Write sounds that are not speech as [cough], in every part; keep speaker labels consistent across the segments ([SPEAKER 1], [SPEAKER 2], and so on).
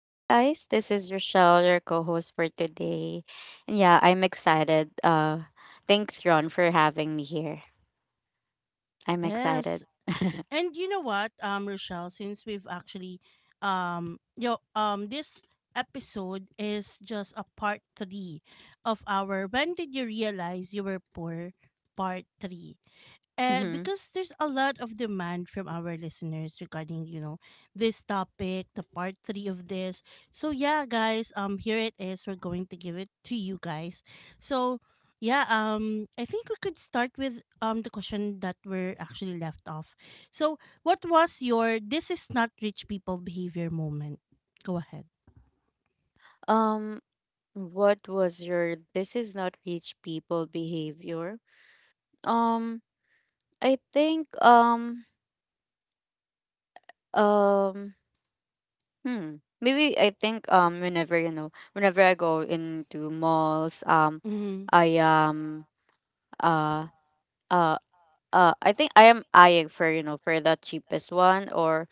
[SPEAKER 1] Hi guys, this is Rochelle, your co-host for today. And yeah, I'm excited. Thanks, Ron, for having me here. I'm excited.
[SPEAKER 2] Yes,
[SPEAKER 1] [laughs]
[SPEAKER 2] and you know what, Rochelle, since we've actually, this episode is just a part three of our "When did you realize you were poor?" Part three.
[SPEAKER 1] Mhm.
[SPEAKER 2] Because there's a lot of demand from our listeners regarding this topic, the part three of this. So yeah, guys, here it is, we're going to give it to you guys. So yeah, I think we could start with the question that we're actually left off. So what was your this is not rich people behavior moment? Go ahead.
[SPEAKER 1] Um what was your this is not rich people behavior? Um I think um hmm Maybe I think whenever, whenever I go into malls,
[SPEAKER 2] Mm-hmm.
[SPEAKER 1] I um uh uh I think I am eyeing for, for the cheapest one, or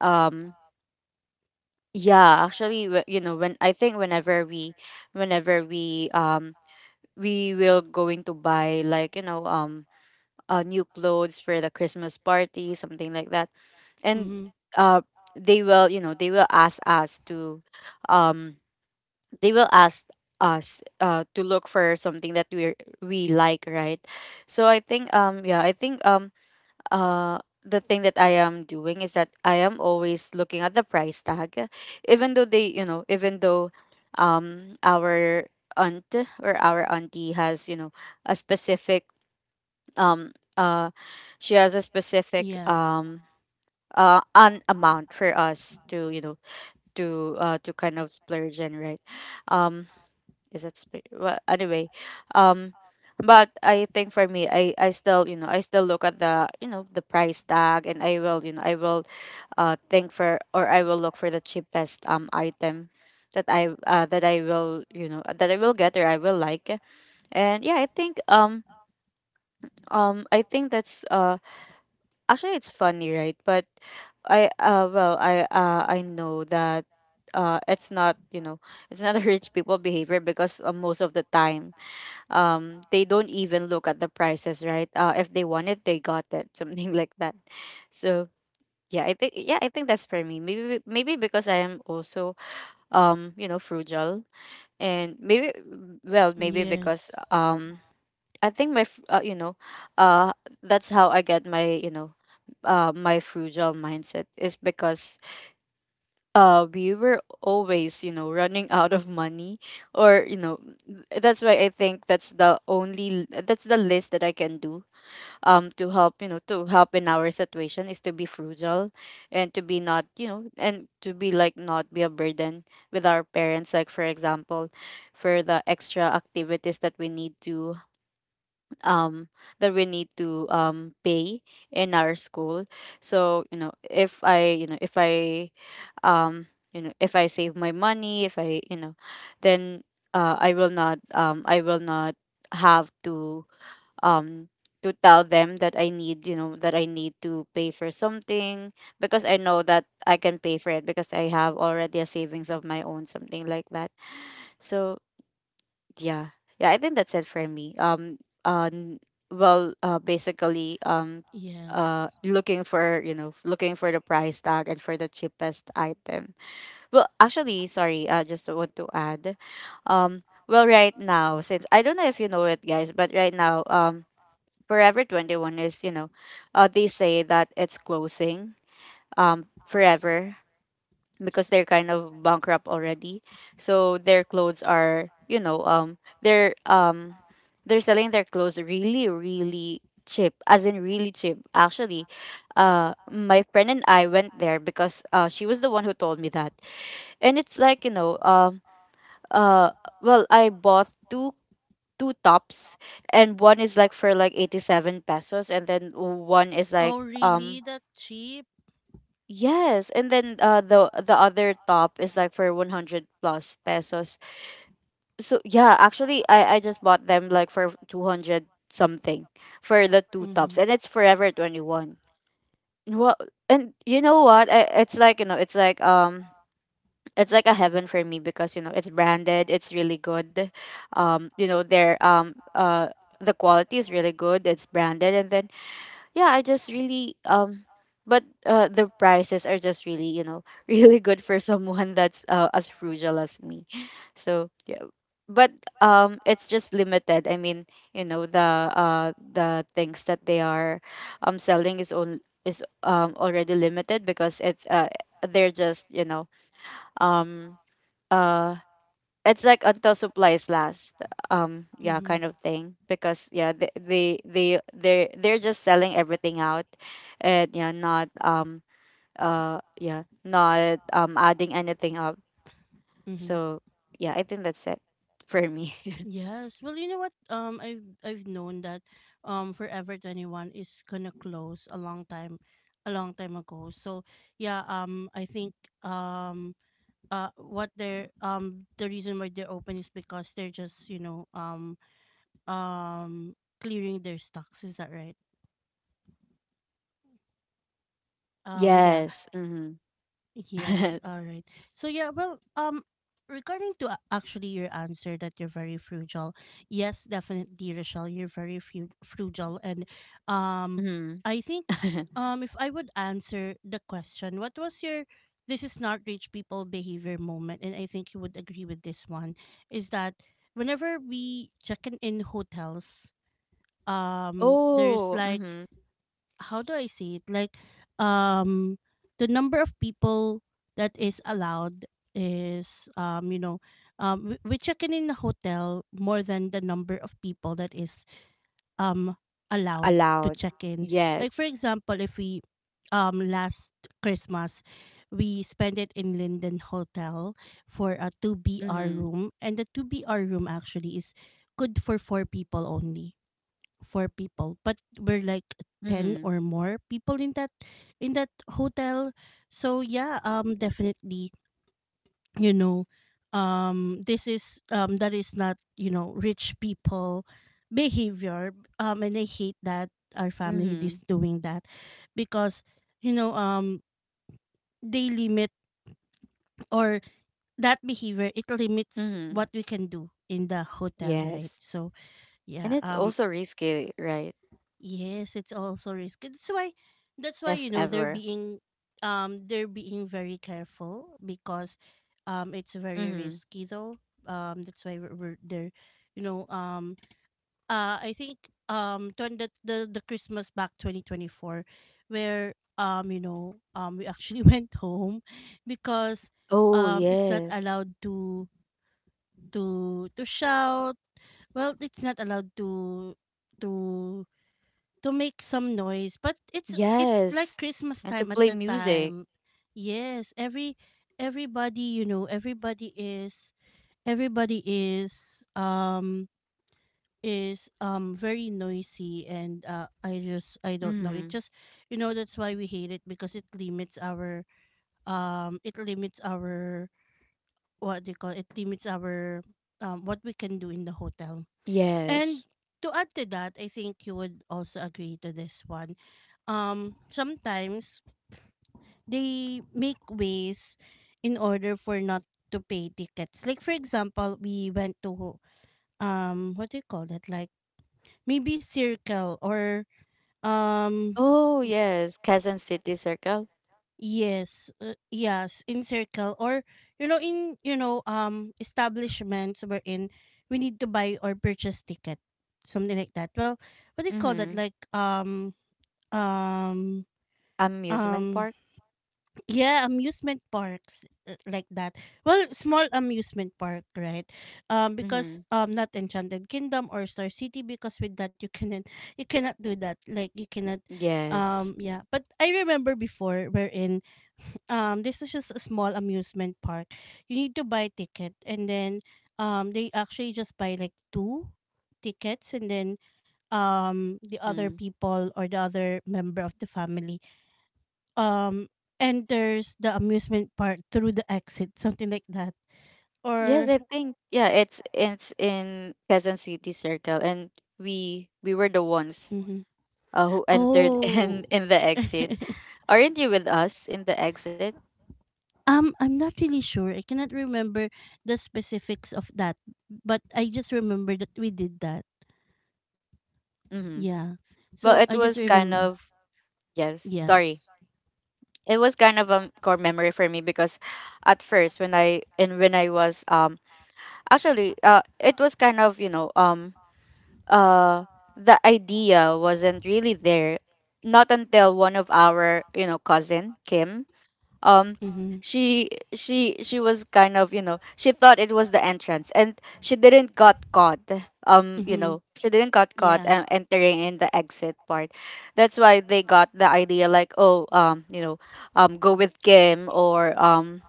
[SPEAKER 1] um yeah, actually, when I think, whenever we, we will going to buy, like, new clothes for the Christmas party, something like that. And
[SPEAKER 2] Mm-hmm.
[SPEAKER 1] uh they will, they will ask us to, um they will ask us to look for something that we like, right? So I think yeah, I think uh the thing that I am doing is that I am always looking at the price tag, even though, our aunt or our auntie has, you know, a um uh she has a specific
[SPEAKER 2] Yes.
[SPEAKER 1] um uh an amount for us to, you know, to kind of splurge and right. Um is it spirit, well, anyway um but I think for me, I still, you know I still look at the, the price tag, and I will, I will think for, or I will look for the cheapest item that I will, that I will get or I will like. And yeah, I think that's actually it's funny, right? But I well I know that it's not, it's not a rich people behavior, because, most of the time they don't even look at the prices, right? If they want it, they got it [laughs] something like that. So yeah, I think that's for me. Maybe, maybe because I am also, frugal, and maybe, well, maybe
[SPEAKER 2] Yes.
[SPEAKER 1] because, I think my f- you know uh that's how I get my, my frugal mindset is, because we were always, running [laughs] out of money, or, that's why, I think that's the only, that's the list that I can do, to help, to help in our situation, is to be frugal, and to be not, and to be, like, not be a burden with our parents, like for example, for the extra activities that we need to, um pay in our school. So, if I you know if I um you know if I save my money, if i then, I will not, have to, um to tell them that I need you know that I need to pay for something, because I know that I can pay for it, because I have already a savings of my own, something like that. So yeah, yeah, I think that's it for me. Uh n- Basically,
[SPEAKER 2] Yes.
[SPEAKER 1] looking for, looking for the price tag and for the cheapest item. Well, actually, sorry, I just want to add. Well, right now, since I don't know if you know it, guys, but right now, Forever 21 is, they say that it's closing, forever, because they're kind of bankrupt already. So their clothes are, they're selling their clothes really, really cheap, as in really cheap. Actually, my friend and I went there, because she was the one who told me that. And it's like you know uh well I bought two tops. And one is like for like 87 pesos, and then one is like
[SPEAKER 2] Oh really,
[SPEAKER 1] um
[SPEAKER 2] that cheap?
[SPEAKER 1] yes, and then the other top is like for 100 plus pesos. So yeah, actually I just bought them like for 200 something for the two tops,
[SPEAKER 2] Mm-hmm.
[SPEAKER 1] and it's Forever 21. Well, and you know what, I, it's like you know it's like, it's like a heaven for me, because you know it's branded, it's really good. um you know their um uh the quality is really good, it's branded. And then yeah, I just really. But the prices are just really, [laughs] really good for someone that's, as frugal as me. So yeah. But it's just limited. I mean, the things that they are selling is on, is already limited, because it's, they're just, um uh it's like until supplies last. Yeah,
[SPEAKER 2] Mm-hmm.
[SPEAKER 1] kind of thing. Because yeah, they're just selling everything out. And yeah, not adding anything up. So yeah, I think that's it for me.
[SPEAKER 2] Yes. Well, you know what? I've known that, Forever 21 is gonna close a long time ago. So yeah, I think um, what the reason why they're open is because they're just um clearing their stocks. Is that right?
[SPEAKER 1] [laughs]
[SPEAKER 2] Yeah.
[SPEAKER 1] Yes. Mm-hmm.
[SPEAKER 2] Yes, all
[SPEAKER 1] [laughs]
[SPEAKER 2] right. So yeah, well, regarding to actually your answer that you're very frugal, yes, definitely, Rochelle, you're very frugal, and um,
[SPEAKER 1] Mm-hmm.
[SPEAKER 2] I think
[SPEAKER 1] [laughs]
[SPEAKER 2] if I would answer the question, what was your this is not rich people behavior moment, and I think you would agree with this one, is that whenever we check in hotels, there's
[SPEAKER 1] Oh,
[SPEAKER 2] like
[SPEAKER 1] mm-hmm.
[SPEAKER 2] how do I say it? Like, um, the number of people that is allowed is, you know, we check in a hotel more than the number of people that is um allowed to
[SPEAKER 1] Allowed.
[SPEAKER 2] check in. Like for
[SPEAKER 1] Yes.
[SPEAKER 2] example, if we, last Christmas, we spent it in Linden Hotel for a two BR
[SPEAKER 1] Mm-hmm.
[SPEAKER 2] room, and the two BR room actually is good for four people only, four people, but we're like 10
[SPEAKER 1] Mm-hmm.
[SPEAKER 2] or more people in that hotel. So yeah, definitely, you know, this is that is not, you know, rich people behavior. And I hate that our family
[SPEAKER 1] Mm-hmm.
[SPEAKER 2] is doing that because you know, they limit or that behavior, it limits
[SPEAKER 1] Mm-hmm.
[SPEAKER 2] what we can do in the hotel, right?
[SPEAKER 1] Yes.
[SPEAKER 2] So
[SPEAKER 1] And
[SPEAKER 2] yeah,
[SPEAKER 1] it's also risky, right?
[SPEAKER 2] yes, it's also risky. That's why you
[SPEAKER 1] If
[SPEAKER 2] know
[SPEAKER 1] ever.
[SPEAKER 2] they're being very careful because it's very
[SPEAKER 1] Mm-hmm.
[SPEAKER 2] risky though. That's why we're they're, you know, I think the, the Christmas back 2024, where you know we actually [laughs] went home because
[SPEAKER 1] Oh,
[SPEAKER 2] it's not
[SPEAKER 1] yes.
[SPEAKER 2] allowed to to shout. Well, it's not allowed to to to make some noise, but it's like
[SPEAKER 1] Yes.
[SPEAKER 2] Christmas
[SPEAKER 1] And to
[SPEAKER 2] time at
[SPEAKER 1] play
[SPEAKER 2] the
[SPEAKER 1] music.
[SPEAKER 2] time. Yes, everybody, you know, everybody is very noisy and I just I don't know. It
[SPEAKER 1] Mm-hmm.
[SPEAKER 2] just you know that's why we hate it because it limits our what do you call it, limits our what we can do in the hotel. And
[SPEAKER 1] Yes.
[SPEAKER 2] to add to that, I think you would also agree to this one. Sometimes they make ways in order for not to pay tickets. Like for example, we went to what do you call it? Like maybe circle or um
[SPEAKER 1] Oh, yes. Quezon City Circle.
[SPEAKER 2] yes, yes, in circle or you know, in you know establishments wherein we need to buy or purchase ticket, something like that. Well, what do you call that,
[SPEAKER 1] Mm-hmm.
[SPEAKER 2] like um
[SPEAKER 1] Amusement
[SPEAKER 2] um
[SPEAKER 1] park.
[SPEAKER 2] yeah, amusement parks, like that. Well, small amusement park, right? Because
[SPEAKER 1] Mm-hmm.
[SPEAKER 2] not Enchanted Kingdom or Star City, because with that you cannot do that. Like you cannot,
[SPEAKER 1] Yes.
[SPEAKER 2] yeah. But I remember before wherein this is just a small amusement park. You need to buy ticket, and then they actually just buy like two tickets, and then the other
[SPEAKER 1] Mm-hmm.
[SPEAKER 2] people or the other member of the family um enters the amusement park through the exit, something like that.
[SPEAKER 1] Yes,
[SPEAKER 2] Or
[SPEAKER 1] I think yeah, it's in Quezon City Circle, and we were the ones,
[SPEAKER 2] mhm.
[SPEAKER 1] who entered [laughs] in
[SPEAKER 2] Oh,
[SPEAKER 1] the exit. Aren't you with us in the exit?
[SPEAKER 2] I'm not really sure. I cannot remember the specifics of that, but I just remember that we did that.
[SPEAKER 1] Mm-hmm.
[SPEAKER 2] Yeah. So
[SPEAKER 1] Well, it
[SPEAKER 2] I just
[SPEAKER 1] was kind
[SPEAKER 2] remember.
[SPEAKER 1] of, yes. Sorry.
[SPEAKER 2] Yes.
[SPEAKER 1] It was kind of a core memory for me, because at first when I and when I was, actually, it was kind of, uh the idea wasn't really there, not until one of our, cousin Kim um
[SPEAKER 2] Mm-hmm.
[SPEAKER 1] she was kind of, she thought it was the entrance, and she didn't got caught,
[SPEAKER 2] Mm-hmm.
[SPEAKER 1] she didn't got caught,
[SPEAKER 2] Yeah.
[SPEAKER 1] entering in the exit part. That's why they got the idea, like, "Oh, go with Kim, or,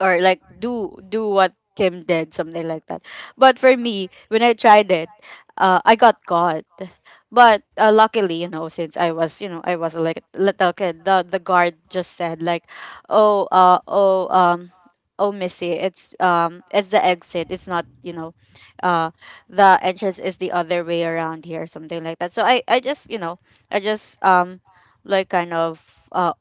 [SPEAKER 1] or, like, do do what Kim did," something like that. But for me, when I tried it, I got caught. But luckily, you know, since I was like little kid, the guard just said like, "Oh, oh, Missy, it's the exit. It's not, uh, the entrance is the other way around here," something like that. So I just, I just um, like, kind of, Uh,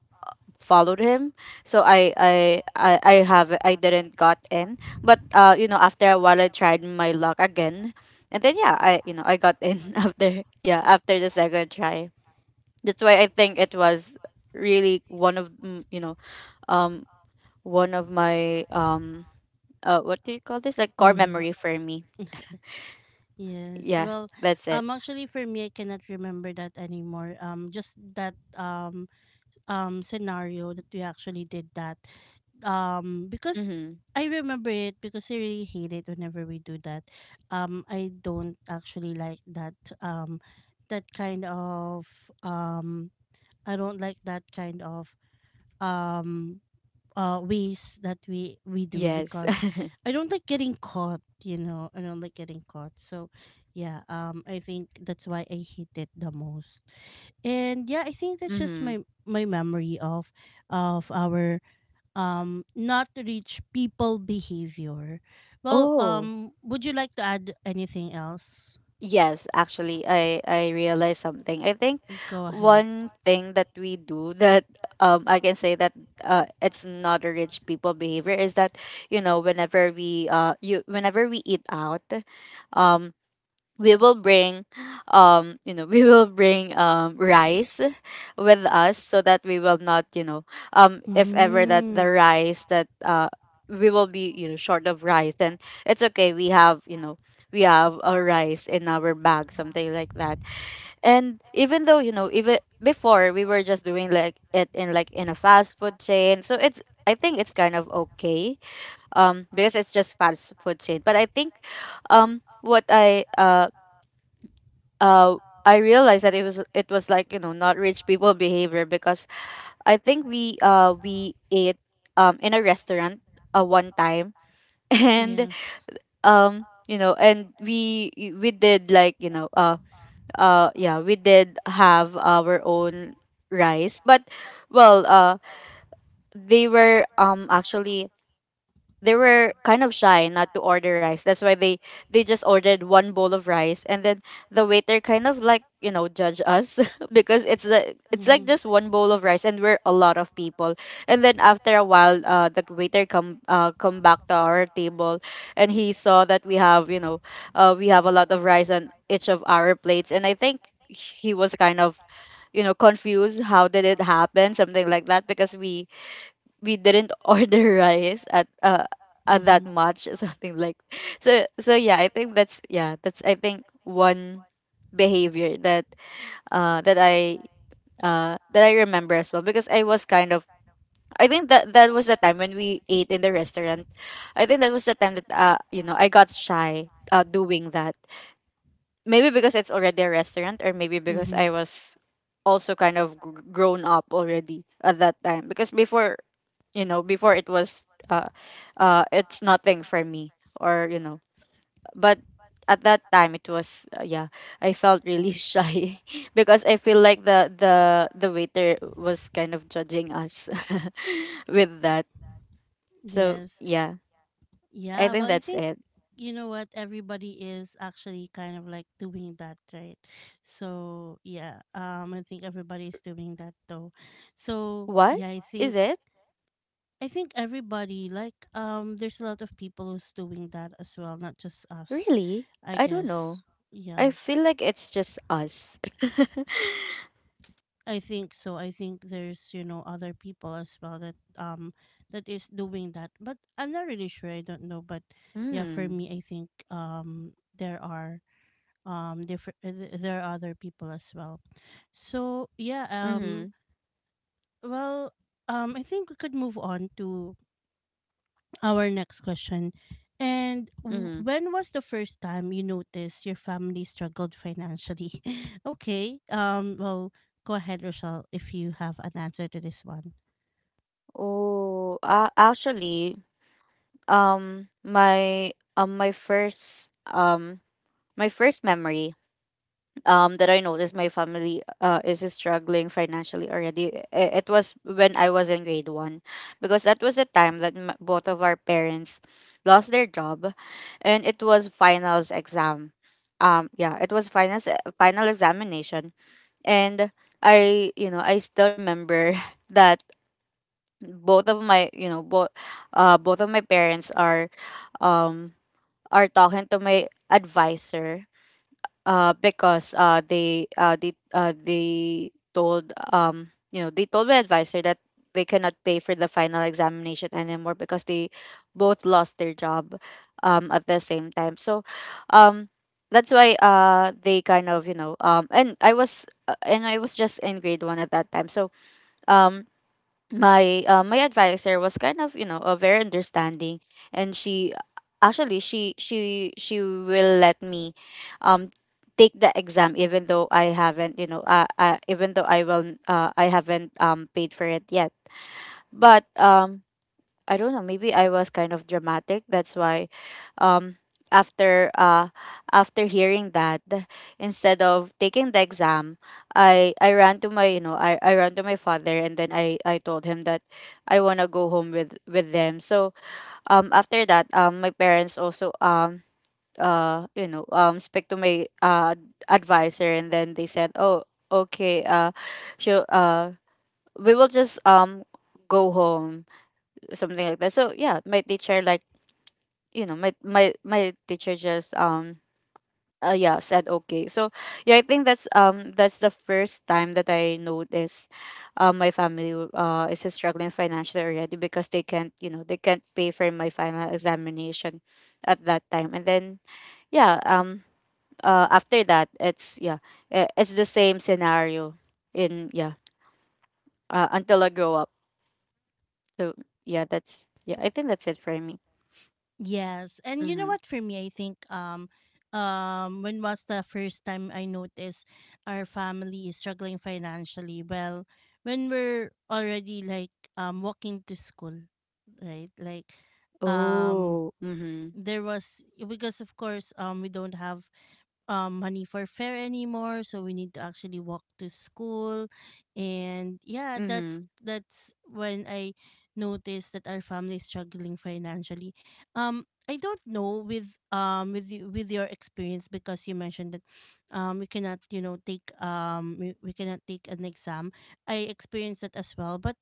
[SPEAKER 1] followed him. So I didn't got in. But after a while I tried my luck again, and then yeah, I you know I got in [laughs] after, yeah, after the second try. That's why I think it was really one of, um one of my, what do you call this, like, core
[SPEAKER 2] Mm-hmm.
[SPEAKER 1] memory for me.
[SPEAKER 2] Yes.
[SPEAKER 1] Yeah,
[SPEAKER 2] Well,
[SPEAKER 1] that's it.
[SPEAKER 2] actually, for me, I cannot remember that anymore. Just that scenario that we actually did that. Because
[SPEAKER 1] Mm-hmm.
[SPEAKER 2] I remember it because I really hate it whenever we do that. I don't actually like that um that kind of um I don't like that kind of um ways that we do
[SPEAKER 1] Yes.
[SPEAKER 2] because
[SPEAKER 1] [laughs]
[SPEAKER 2] I don't like getting caught, you know. I don't like getting caught. So yeah, I think that's why I hate it the most. And yeah, I think that's just
[SPEAKER 1] Mm-hmm.
[SPEAKER 2] my my memory of our not reach people behavior. Well,
[SPEAKER 1] Oh.
[SPEAKER 2] would you like to add anything else?
[SPEAKER 1] Yes, actually, I realized something. I think
[SPEAKER 2] Go ahead.
[SPEAKER 1] one thing that we do that, I can say that, it's not a rich people behavior, is that you know whenever we you whenever we eat out, um we will bring you know [laughs] we will bring rice with us, so that we will not, if ever that the
[SPEAKER 2] Mm.
[SPEAKER 1] rice that, we will be, short of rice, then it's okay, we have a rice in our bag, something like that. And even though, even before, we were just doing, like, it in, like, in a fast food chain. So it's, I think it's kind of okay, because it's just fast food chain. But I think what uh I realized that it was like, you know, not rich people behavior, because I think we ate in a restaurant, one time [laughs] and
[SPEAKER 2] Yes.
[SPEAKER 1] and we did, like, we did have our own rice, but, well uh they were actually, they were kind of shy not to order rice. That's why they just ordered one bowl of rice, and then the waiter kind of, like, you know, judge us [laughs] because it's like
[SPEAKER 2] Mm.
[SPEAKER 1] just one bowl of rice, and we're a lot of people. And then after a while, the waiter come come back to our table, and he saw that we have, you know, we have a lot of rice on each of our plates, and I think he was kind of, you know, confused how did it happen, something like that, because we didn't [laughs] order rice at that
[SPEAKER 2] Mm-hmm.
[SPEAKER 1] much, [laughs] something like. So yeah, I think that's, yeah, that's, I think, one behavior that uh that i that I remember as well, because I was kind of, I think that was the time when we ate in the restaurant. I think that was the time that you know, I got shy doing that, maybe because it's already a restaurant, or maybe because I was also kind of grown up already at that time. Because before, you know, before it was uh it's nothing for me, or you know, but at that time it was yeah. I felt really [laughs] shy [laughs] because I feel like the waiter was kind of judging us [laughs] with that. So
[SPEAKER 2] Yes.
[SPEAKER 1] yeah. I
[SPEAKER 2] Yeah,
[SPEAKER 1] think
[SPEAKER 2] well, I
[SPEAKER 1] that's
[SPEAKER 2] think
[SPEAKER 1] it.
[SPEAKER 2] you know what, everybody is actually kind of like doing that, right? So yeah, I think everybody is doing that though. So
[SPEAKER 1] What
[SPEAKER 2] yeah, I think
[SPEAKER 1] is it?
[SPEAKER 2] everybody, like there's a lot of people who's doing that as well, not just us,
[SPEAKER 1] Really?
[SPEAKER 2] I
[SPEAKER 1] I don't
[SPEAKER 2] guess.
[SPEAKER 1] know.
[SPEAKER 2] Yeah.
[SPEAKER 1] I feel like it's just us. [laughs]
[SPEAKER 2] I think so. I think there's, you know, other people as well that that is doing that. But I'm not really sure. I don't know. But yeah, for
[SPEAKER 1] Mm.
[SPEAKER 2] me, I think there are different there are other people as well. So yeah,
[SPEAKER 1] Mhm.
[SPEAKER 2] well, I think we could move on to our next question. And
[SPEAKER 1] Mhm.
[SPEAKER 2] when was the first time you noticed your family struggled financially? [laughs] Okay. Well, go ahead, Rochelle, if you have an answer to this one.
[SPEAKER 1] Oh, actually, my um my first um my first memory, that I noticed my family is struggling financially already. It was when I was in grade 1, because that was the time that both of our parents lost their job, and it was finals exam. Yeah, it was finals, final examination. And I, you know, I still remember [laughs] that both of my, you know, both both of my parents are, um are talking to my advisor, because they told, you know, they told my advisor that they cannot pay for the final examination anymore, because they both lost their job at the same time. So um that's why they kind of, you know, and I was just in grade one at that time. So um my my advisor was kind of, you know, very understanding. And she, actually, she will let me um take the exam, even though I haven't, you know, even though I haven't paid for it yet. But I don't know, maybe I was kind of dramatic. That's why um after after hearing that, instead of taking the exam, I ran to my father, and then I told him that I want to go home with them. So after that, my parents also, you know, speak to my advisor, and then they said, oh, okay, sure, we will just go home, something like that. So yeah, my teacher, like, you know, my teacher just yeah, said okay. So yeah, I think that's the first time that I noticed my family is struggling financially already, because they can't, you know, they can't pay for my final examination at that time. And then, yeah, after that, it's, yeah, it's the same scenario in, yeah, until I grow up. So yeah, that's, yeah, I think that's it for me.
[SPEAKER 2] Yes, and you know
[SPEAKER 1] Mm-hmm.
[SPEAKER 2] what? For me, I think when was the first time I noticed our family is struggling financially? Well, when we're already like walking to school, right? Like, um,
[SPEAKER 1] Oh, mhm,
[SPEAKER 2] there was because of course we don't have money for fare anymore, so we need to actually walk to school. And yeah,
[SPEAKER 1] mhm.
[SPEAKER 2] that's when I noticed that our family is struggling financially. I don't know with with your experience, because you mentioned that we cannot you know take we cannot take an exam. I experienced that as well, but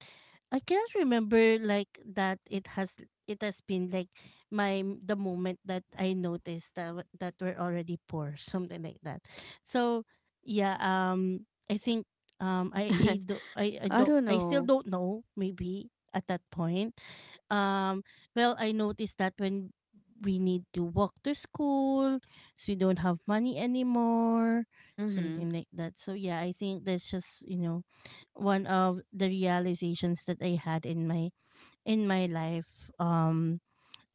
[SPEAKER 2] I cannot remember like that it has been like my the moment that I noticed that that we're already poor, something like that. So yeah, I think I
[SPEAKER 1] [laughs]
[SPEAKER 2] do I
[SPEAKER 1] I
[SPEAKER 2] do
[SPEAKER 1] don't
[SPEAKER 2] I still
[SPEAKER 1] know.
[SPEAKER 2] don't know, maybe at that point. Um, well, I noticed that when we need to walk to school, so we don't have money anymore,
[SPEAKER 1] Mhm,
[SPEAKER 2] something like that. So yeah, I think that's just you know one of the realizations that I had in my life. Um,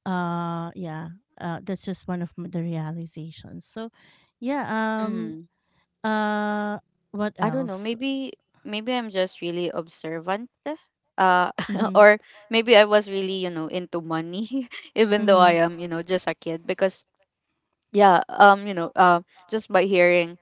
[SPEAKER 2] uh yeah, that's just one of the realizations. So yeah, um
[SPEAKER 1] mhm.
[SPEAKER 2] uh what
[SPEAKER 1] I don't know.
[SPEAKER 2] else?
[SPEAKER 1] Maybe, maybe I'm just really observant. Uh, [laughs]
[SPEAKER 2] Mm-hmm.
[SPEAKER 1] or maybe I was really, you know, into money, [laughs] even though I
[SPEAKER 2] Mm-hmm.
[SPEAKER 1] am, you know, just a kid. Because yeah, you know, just by hearing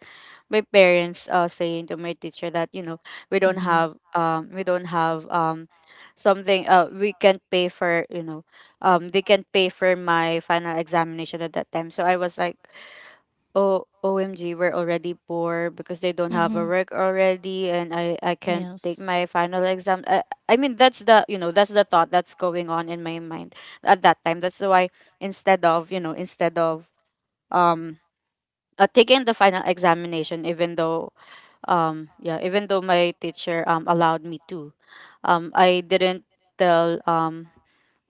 [SPEAKER 1] my parents saying to my teacher that, you know, we don't
[SPEAKER 2] Mm-hmm,
[SPEAKER 1] have, we don't have, something, we can't pay for, you know, they can't pay for my final examination at that time. So I was like, oh, omg, we're already poor because they don't have a
[SPEAKER 2] mm-hmm.
[SPEAKER 1] work already, and I can't
[SPEAKER 2] Yes.
[SPEAKER 1] take my final exam. I mean, that's the, you know, that's the thought that's going on in my mind at that time. That's why instead of, you know, instead of, um taking the final examination, even though, yeah, even though my teacher allowed me to, I didn't tell, um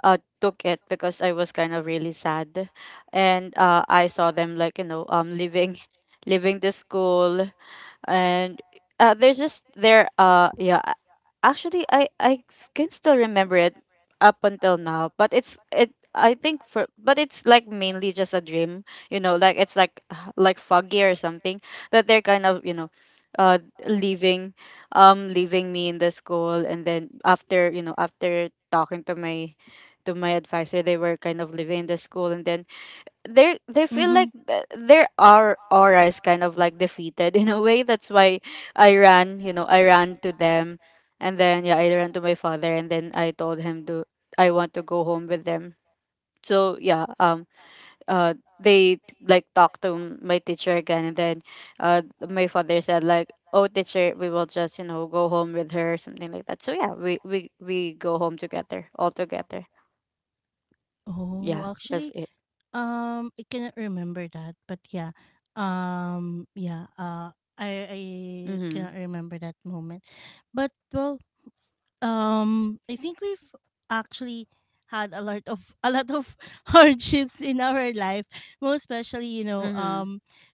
[SPEAKER 1] uh took it, because I was kind of really sad. And I saw them, like, you know, leaving, [laughs] leaving the school. And there's just there, actually, can still remember it up until now, but it's it, I think, for, but it's like mainly just a dream, you know, like it's like [sighs] like foggy or something, that they're kind of, you know, uh leaving, leaving me in the school. And then after, you know, after talking to my, to my advisor, they were kind of leaving the school. And then they feel like
[SPEAKER 2] Mm-hmm.
[SPEAKER 1] their, our aura is kind of like defeated [laughs] in a way. That's why I ran, you know, I ran to them. And then, yeah, I ran to my father, and then I told him to, I want to go home with them. So yeah, they like talked to my teacher again. And then uh, my father said, like, oh, teacher, we will just, you know, go home with her, something like that. So yeah, we go home together, all together.
[SPEAKER 2] Oh
[SPEAKER 1] Yeah, that's
[SPEAKER 2] actually,
[SPEAKER 1] it.
[SPEAKER 2] I cannot remember that, but yeah, yeah, I
[SPEAKER 1] Mm-hmm.
[SPEAKER 2] cannot remember that moment. But well, I think we've actually had a lot of [laughs] hardships in our life, most especially you know
[SPEAKER 1] Mm-hmm.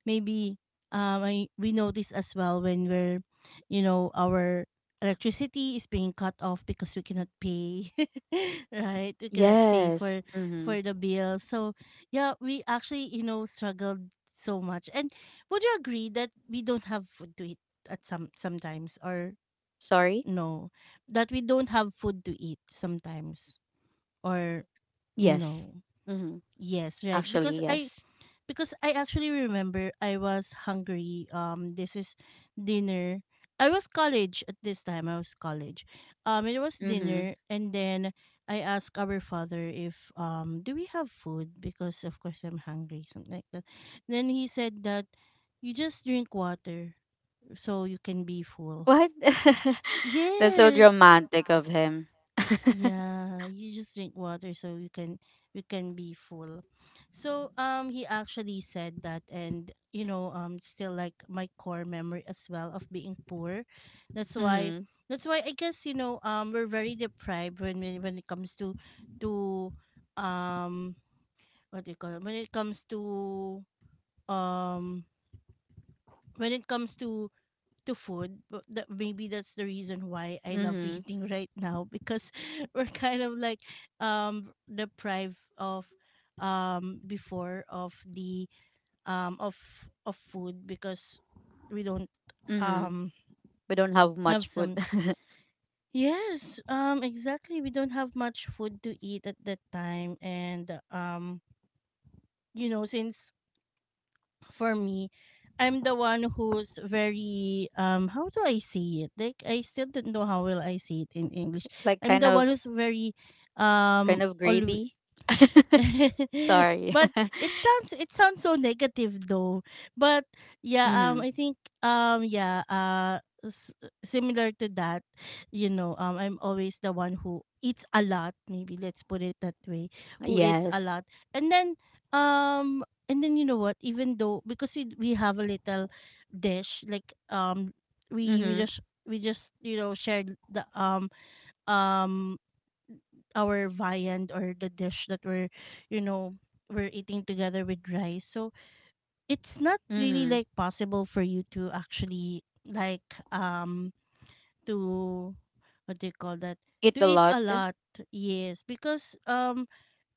[SPEAKER 2] maybe I, we notice as well when we're you know our electricity is being cut off because we cannot pay [laughs] right, we cannot pay
[SPEAKER 1] Yes. Mm-hmm.
[SPEAKER 2] for the bill. So yeah, we actually you know struggled so much. And would you agree that we don't have food to eat at some sometimes, or
[SPEAKER 1] Sorry?
[SPEAKER 2] no, that we don't have food to eat sometimes, or no?
[SPEAKER 1] Yes. Mhm.
[SPEAKER 2] Yes, right,
[SPEAKER 1] Actually, yes.
[SPEAKER 2] because I actually remember I was hungry. This is dinner. I was college at this time. I was college. It was dinner,
[SPEAKER 1] Mhm.
[SPEAKER 2] and then I asked our father if do we have food, because of course I'm hungry, something like that. Then he said that you just drink water so you can be full.
[SPEAKER 1] What? [laughs] That's so
[SPEAKER 2] Yes,
[SPEAKER 1] dramatic of him. [laughs]
[SPEAKER 2] yeah, you just drink water so you can be full. So he actually said that, and you know still like my core memory as well of being poor. That's why
[SPEAKER 1] Mhm.
[SPEAKER 2] I guess you know we're very deprived when when it comes to um what do you call it, when it comes to um when it comes to food. But that, maybe that's the reason why I love [laughs]
[SPEAKER 1] Mhm.
[SPEAKER 2] eating right now, because [laughs] we're kind of like deprived of before of the of food because we don't
[SPEAKER 1] Mhm.
[SPEAKER 2] um
[SPEAKER 1] We don't have
[SPEAKER 2] have
[SPEAKER 1] much food.
[SPEAKER 2] some.
[SPEAKER 1] [laughs]
[SPEAKER 2] Yes, exactly, we don't have much food to eat at that time. And you know, since for me, I'm the one who's very how do I say it? Like I still don't know how will I say it in English.
[SPEAKER 1] Like,
[SPEAKER 2] I'm
[SPEAKER 1] kind
[SPEAKER 2] the
[SPEAKER 1] of,
[SPEAKER 2] one who's very
[SPEAKER 1] kind of
[SPEAKER 2] all
[SPEAKER 1] greedy. [laughs]
[SPEAKER 2] [laughs]
[SPEAKER 1] Sorry.
[SPEAKER 2] But
[SPEAKER 1] [laughs]
[SPEAKER 2] it sounds so negative though. But yeah,
[SPEAKER 1] Mhm.
[SPEAKER 2] I think um yeah, uh s- similar to that, I'm always the one who eats a lot, maybe let's put it that way, who eats a
[SPEAKER 1] Yes.
[SPEAKER 2] lot. And then um and then you know what, even though because we have a little dish we we
[SPEAKER 1] Mhm.
[SPEAKER 2] just we just you know shared the um our viand or the dish that we're you know we're eating together with rice, so it's not really
[SPEAKER 1] Mhm.
[SPEAKER 2] like possible for you to actually like um to what do you call that,
[SPEAKER 1] Eat
[SPEAKER 2] to
[SPEAKER 1] a
[SPEAKER 2] eat
[SPEAKER 1] lot.
[SPEAKER 2] a lot, yes because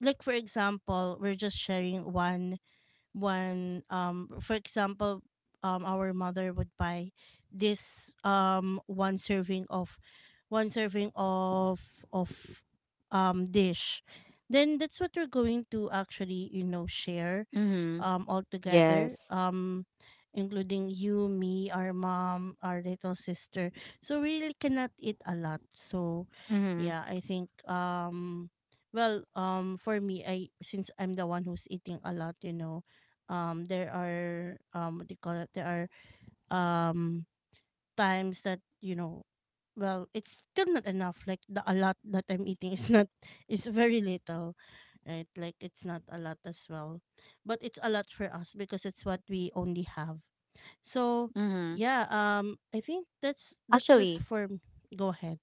[SPEAKER 2] like for example we're just sharing one when for example our mother would buy this one serving of one serving of dish, then that's what we're going to actually you know share
[SPEAKER 1] Mhm.
[SPEAKER 2] all together,
[SPEAKER 1] Yes.
[SPEAKER 2] including you, me, our mom, our little sister. So we really cannot eat a lot. So,
[SPEAKER 1] Mhm.
[SPEAKER 2] yeah, I think for me, I since I'm the one who's eating a lot, you know, there are what do you call it? There are um times that you know well it's still not enough, like the a lot that I'm eating is [laughs] not, is very little, right? Like it's not a lot as well, but it's a lot for us because it's what we only have, so
[SPEAKER 1] Mhm.
[SPEAKER 2] yeah, I think that's just
[SPEAKER 1] Actually,
[SPEAKER 2] for, go ahead.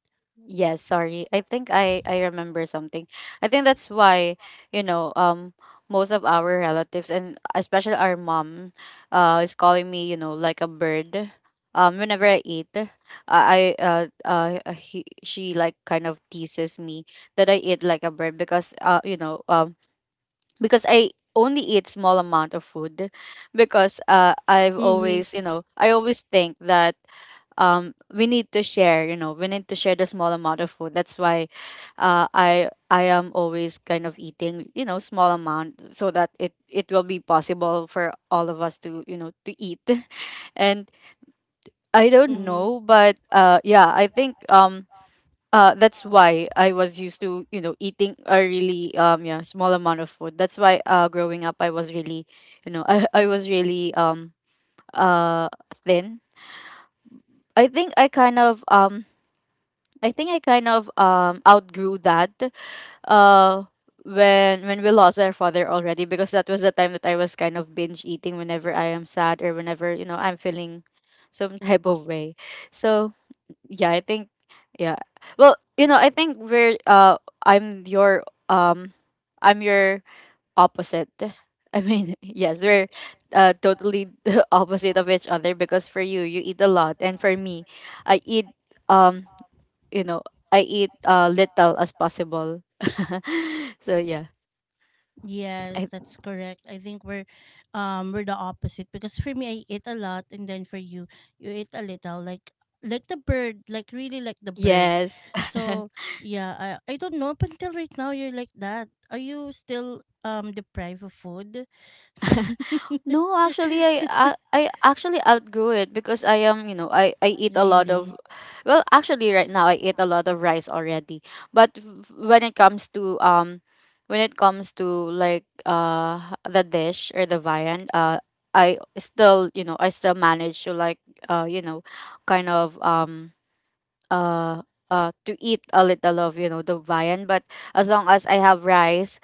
[SPEAKER 1] yes, sorry. I think I remember something. I think that's why, you know, most of our relatives and especially our mom is calling me, you know, like a bird. Whenever I eat, she like kind of teases me that I eat like a bird, because you know, because I only eat small amount of food. Because I've
[SPEAKER 2] Mm-hmm.
[SPEAKER 1] always, you know, I always think that we need to share, you know, we need to share the small amount of food. That's why I am always kind of eating, you know, small amount, so that it will be possible for all of us to, you know, to eat. [laughs] And I don't know, but yeah, I think that's why I was used to, you know, eating a really, yeah, small amount of food. That's why, growing up, I was really, you know, [laughs] I was really uh thin. I think I kind of I think I kind of outgrew that uh when we lost our father already, because that was the time that I was kind of binge eating whenever I am sad, or whenever, you know, I'm feeling some [laughs] type of way. So yeah, I think, yeah. Well, you know, I think we're I'm your um I'm your opposite. I mean, [laughs] yes, we're totally [laughs] the opposite of each other, because for you, you eat a lot, and for me, I eat, um you know, I eat little as possible. [laughs] So yeah.
[SPEAKER 2] Yes,
[SPEAKER 1] I,
[SPEAKER 2] that's correct. I think we're the opposite because for me I eat a lot, and then for you, you eat a little, like the bird, like really like the bird.
[SPEAKER 1] yes. [laughs]
[SPEAKER 2] So, yeah, I don't know, up until right now you're like that. Are you still deprived of food?
[SPEAKER 1] No, actually, I,
[SPEAKER 2] [laughs]
[SPEAKER 1] I I actually outgrew it, because I am, you know, I eat a lot of,
[SPEAKER 2] Really?
[SPEAKER 1] well, actually right now I eat a lot of rice already. But when it comes to, when it comes to like, the dish or the viand, I still, you know, I still manage to like, you know, kind of, uh to eat a little of, you know, the viand. But as long as I have rice,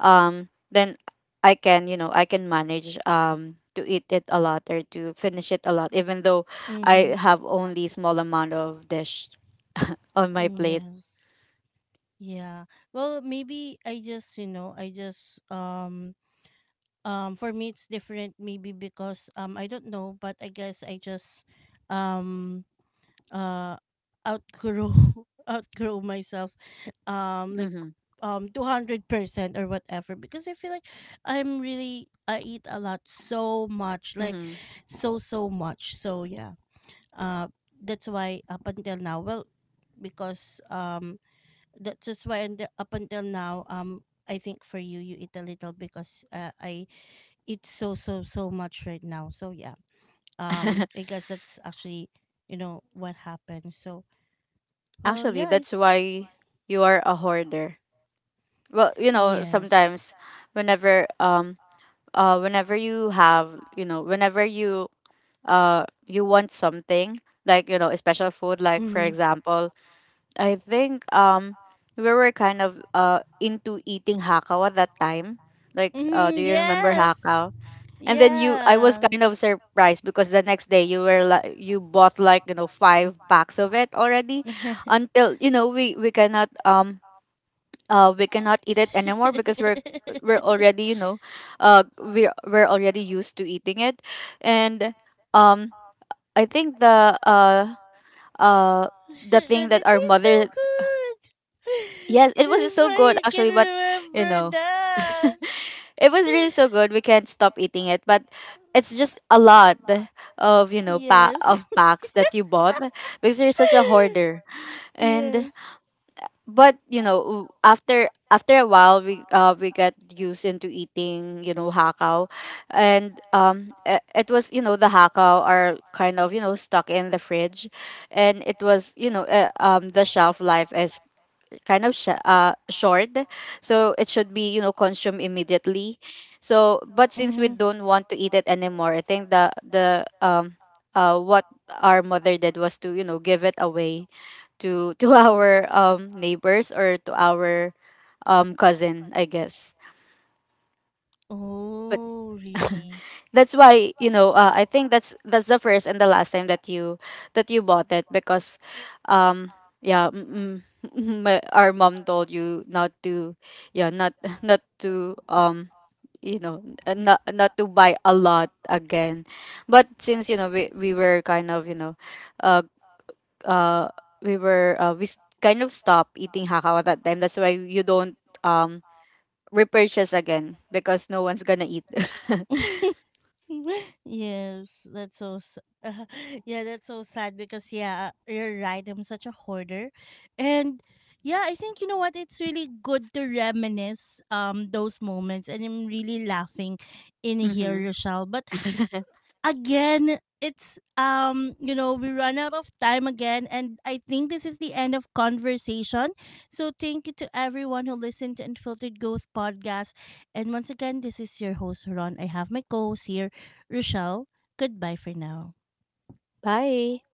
[SPEAKER 1] then I can, you know, I can manage to eat it a lot, or to finish it a lot, even though
[SPEAKER 2] Mm-hmm.
[SPEAKER 1] I have only small amount of dish on my
[SPEAKER 2] Yeah.
[SPEAKER 1] plate.
[SPEAKER 2] Yeah. Well, maybe I just, you know, I just for me it's different maybe because um, I don't know, but I guess I just um uh outgrow [laughs] outgrow myself, like
[SPEAKER 1] Mm-hmm.
[SPEAKER 2] 200% or whatever, because I feel like I'm really, I eat a lot so much, like
[SPEAKER 1] Mm-hmm.
[SPEAKER 2] so so much, so yeah, uh that's why up until now, well because um, that's just why, and up until now I think for you, you eat a little because I eat so so so much right now, so yeah,
[SPEAKER 1] [laughs]
[SPEAKER 2] I guess that's actually you know what happened, so well,
[SPEAKER 1] Actually,
[SPEAKER 2] yeah, I,
[SPEAKER 1] that's why you are a hoarder. Well, you know,
[SPEAKER 2] yes.
[SPEAKER 1] sometimes whenever, whenever you have, you know, whenever you want something, like, you know, a special food, like for
[SPEAKER 2] Mhm.
[SPEAKER 1] example, I think we were kind of into eating hakao at that time. Like, do
[SPEAKER 2] Mhm,
[SPEAKER 1] you remember
[SPEAKER 2] yes,
[SPEAKER 1] hakao? And then you, I was
[SPEAKER 2] yeah.
[SPEAKER 1] kind of surprised because the next day you were like, you bought like, you know, five packs of it already, until, you know, we cannot, we cannot eat it anymore, because we're already,
[SPEAKER 2] [laughs]
[SPEAKER 1] you know, we're already used to eating it. And, um, I think uh,
[SPEAKER 2] But
[SPEAKER 1] the thing
[SPEAKER 2] it
[SPEAKER 1] that our
[SPEAKER 2] tastes so
[SPEAKER 1] mother,
[SPEAKER 2] good.
[SPEAKER 1] yes,
[SPEAKER 2] [laughs]
[SPEAKER 1] it was so good
[SPEAKER 2] I can
[SPEAKER 1] actually, but, you
[SPEAKER 2] remember
[SPEAKER 1] know,
[SPEAKER 2] that.
[SPEAKER 1] [laughs] it was really
[SPEAKER 2] [laughs]
[SPEAKER 1] so good. We can't stop eating it, but it's just a lot of, you know,
[SPEAKER 2] Yes.
[SPEAKER 1] of packs that you bought, because you're such a
[SPEAKER 2] [laughs]
[SPEAKER 1] hoarder.
[SPEAKER 2] Yes.
[SPEAKER 1] And but you know, after after a while, we got used into eating, you know, hakao. And it was, you know, the hakao are kind of, you know, stuck in the fridge. And it was, you know, the shelf life is kind of short, so it should be, you know, consumed immediately. So but since we
[SPEAKER 2] Mhm.
[SPEAKER 1] don't want to eat it anymore, I think the what our mother did was to, you know, give it away to [laughs] to our, neighbors, or to our, cousin, I guess.
[SPEAKER 2] Oh, really?
[SPEAKER 1] That's why, you know, I think that's the first and the last time that you, that you bought it. Because um yeah, [laughs] my, our mom told you not to, yeah, not, [laughs] not to, you know, not, not to buy a lot again. But since you know, we were kind of, you know, uh uh we were, we kind of stopped eating hakaw at that time. That's why you don't, um repurchase again, because no one's gonna eat.
[SPEAKER 2] [laughs] Yes, that's so s- [laughs] yeah, that's so sad because yeah, you're right. I'm such a hoarder, and yeah, I think you know what? It's really good to reminisce those moments, and I'm really laughing in
[SPEAKER 1] [laughs]
[SPEAKER 2] here, Rochelle. But
[SPEAKER 1] Mm-hmm. [laughs]
[SPEAKER 2] again it's you know we run out of time again, and I think this is the end of conversation, so thank you to everyone who listened to Unfiltered Growth Podcast, and once again this is your host Ron. I have my co-host here, Rochelle. Goodbye for now.
[SPEAKER 1] Bye.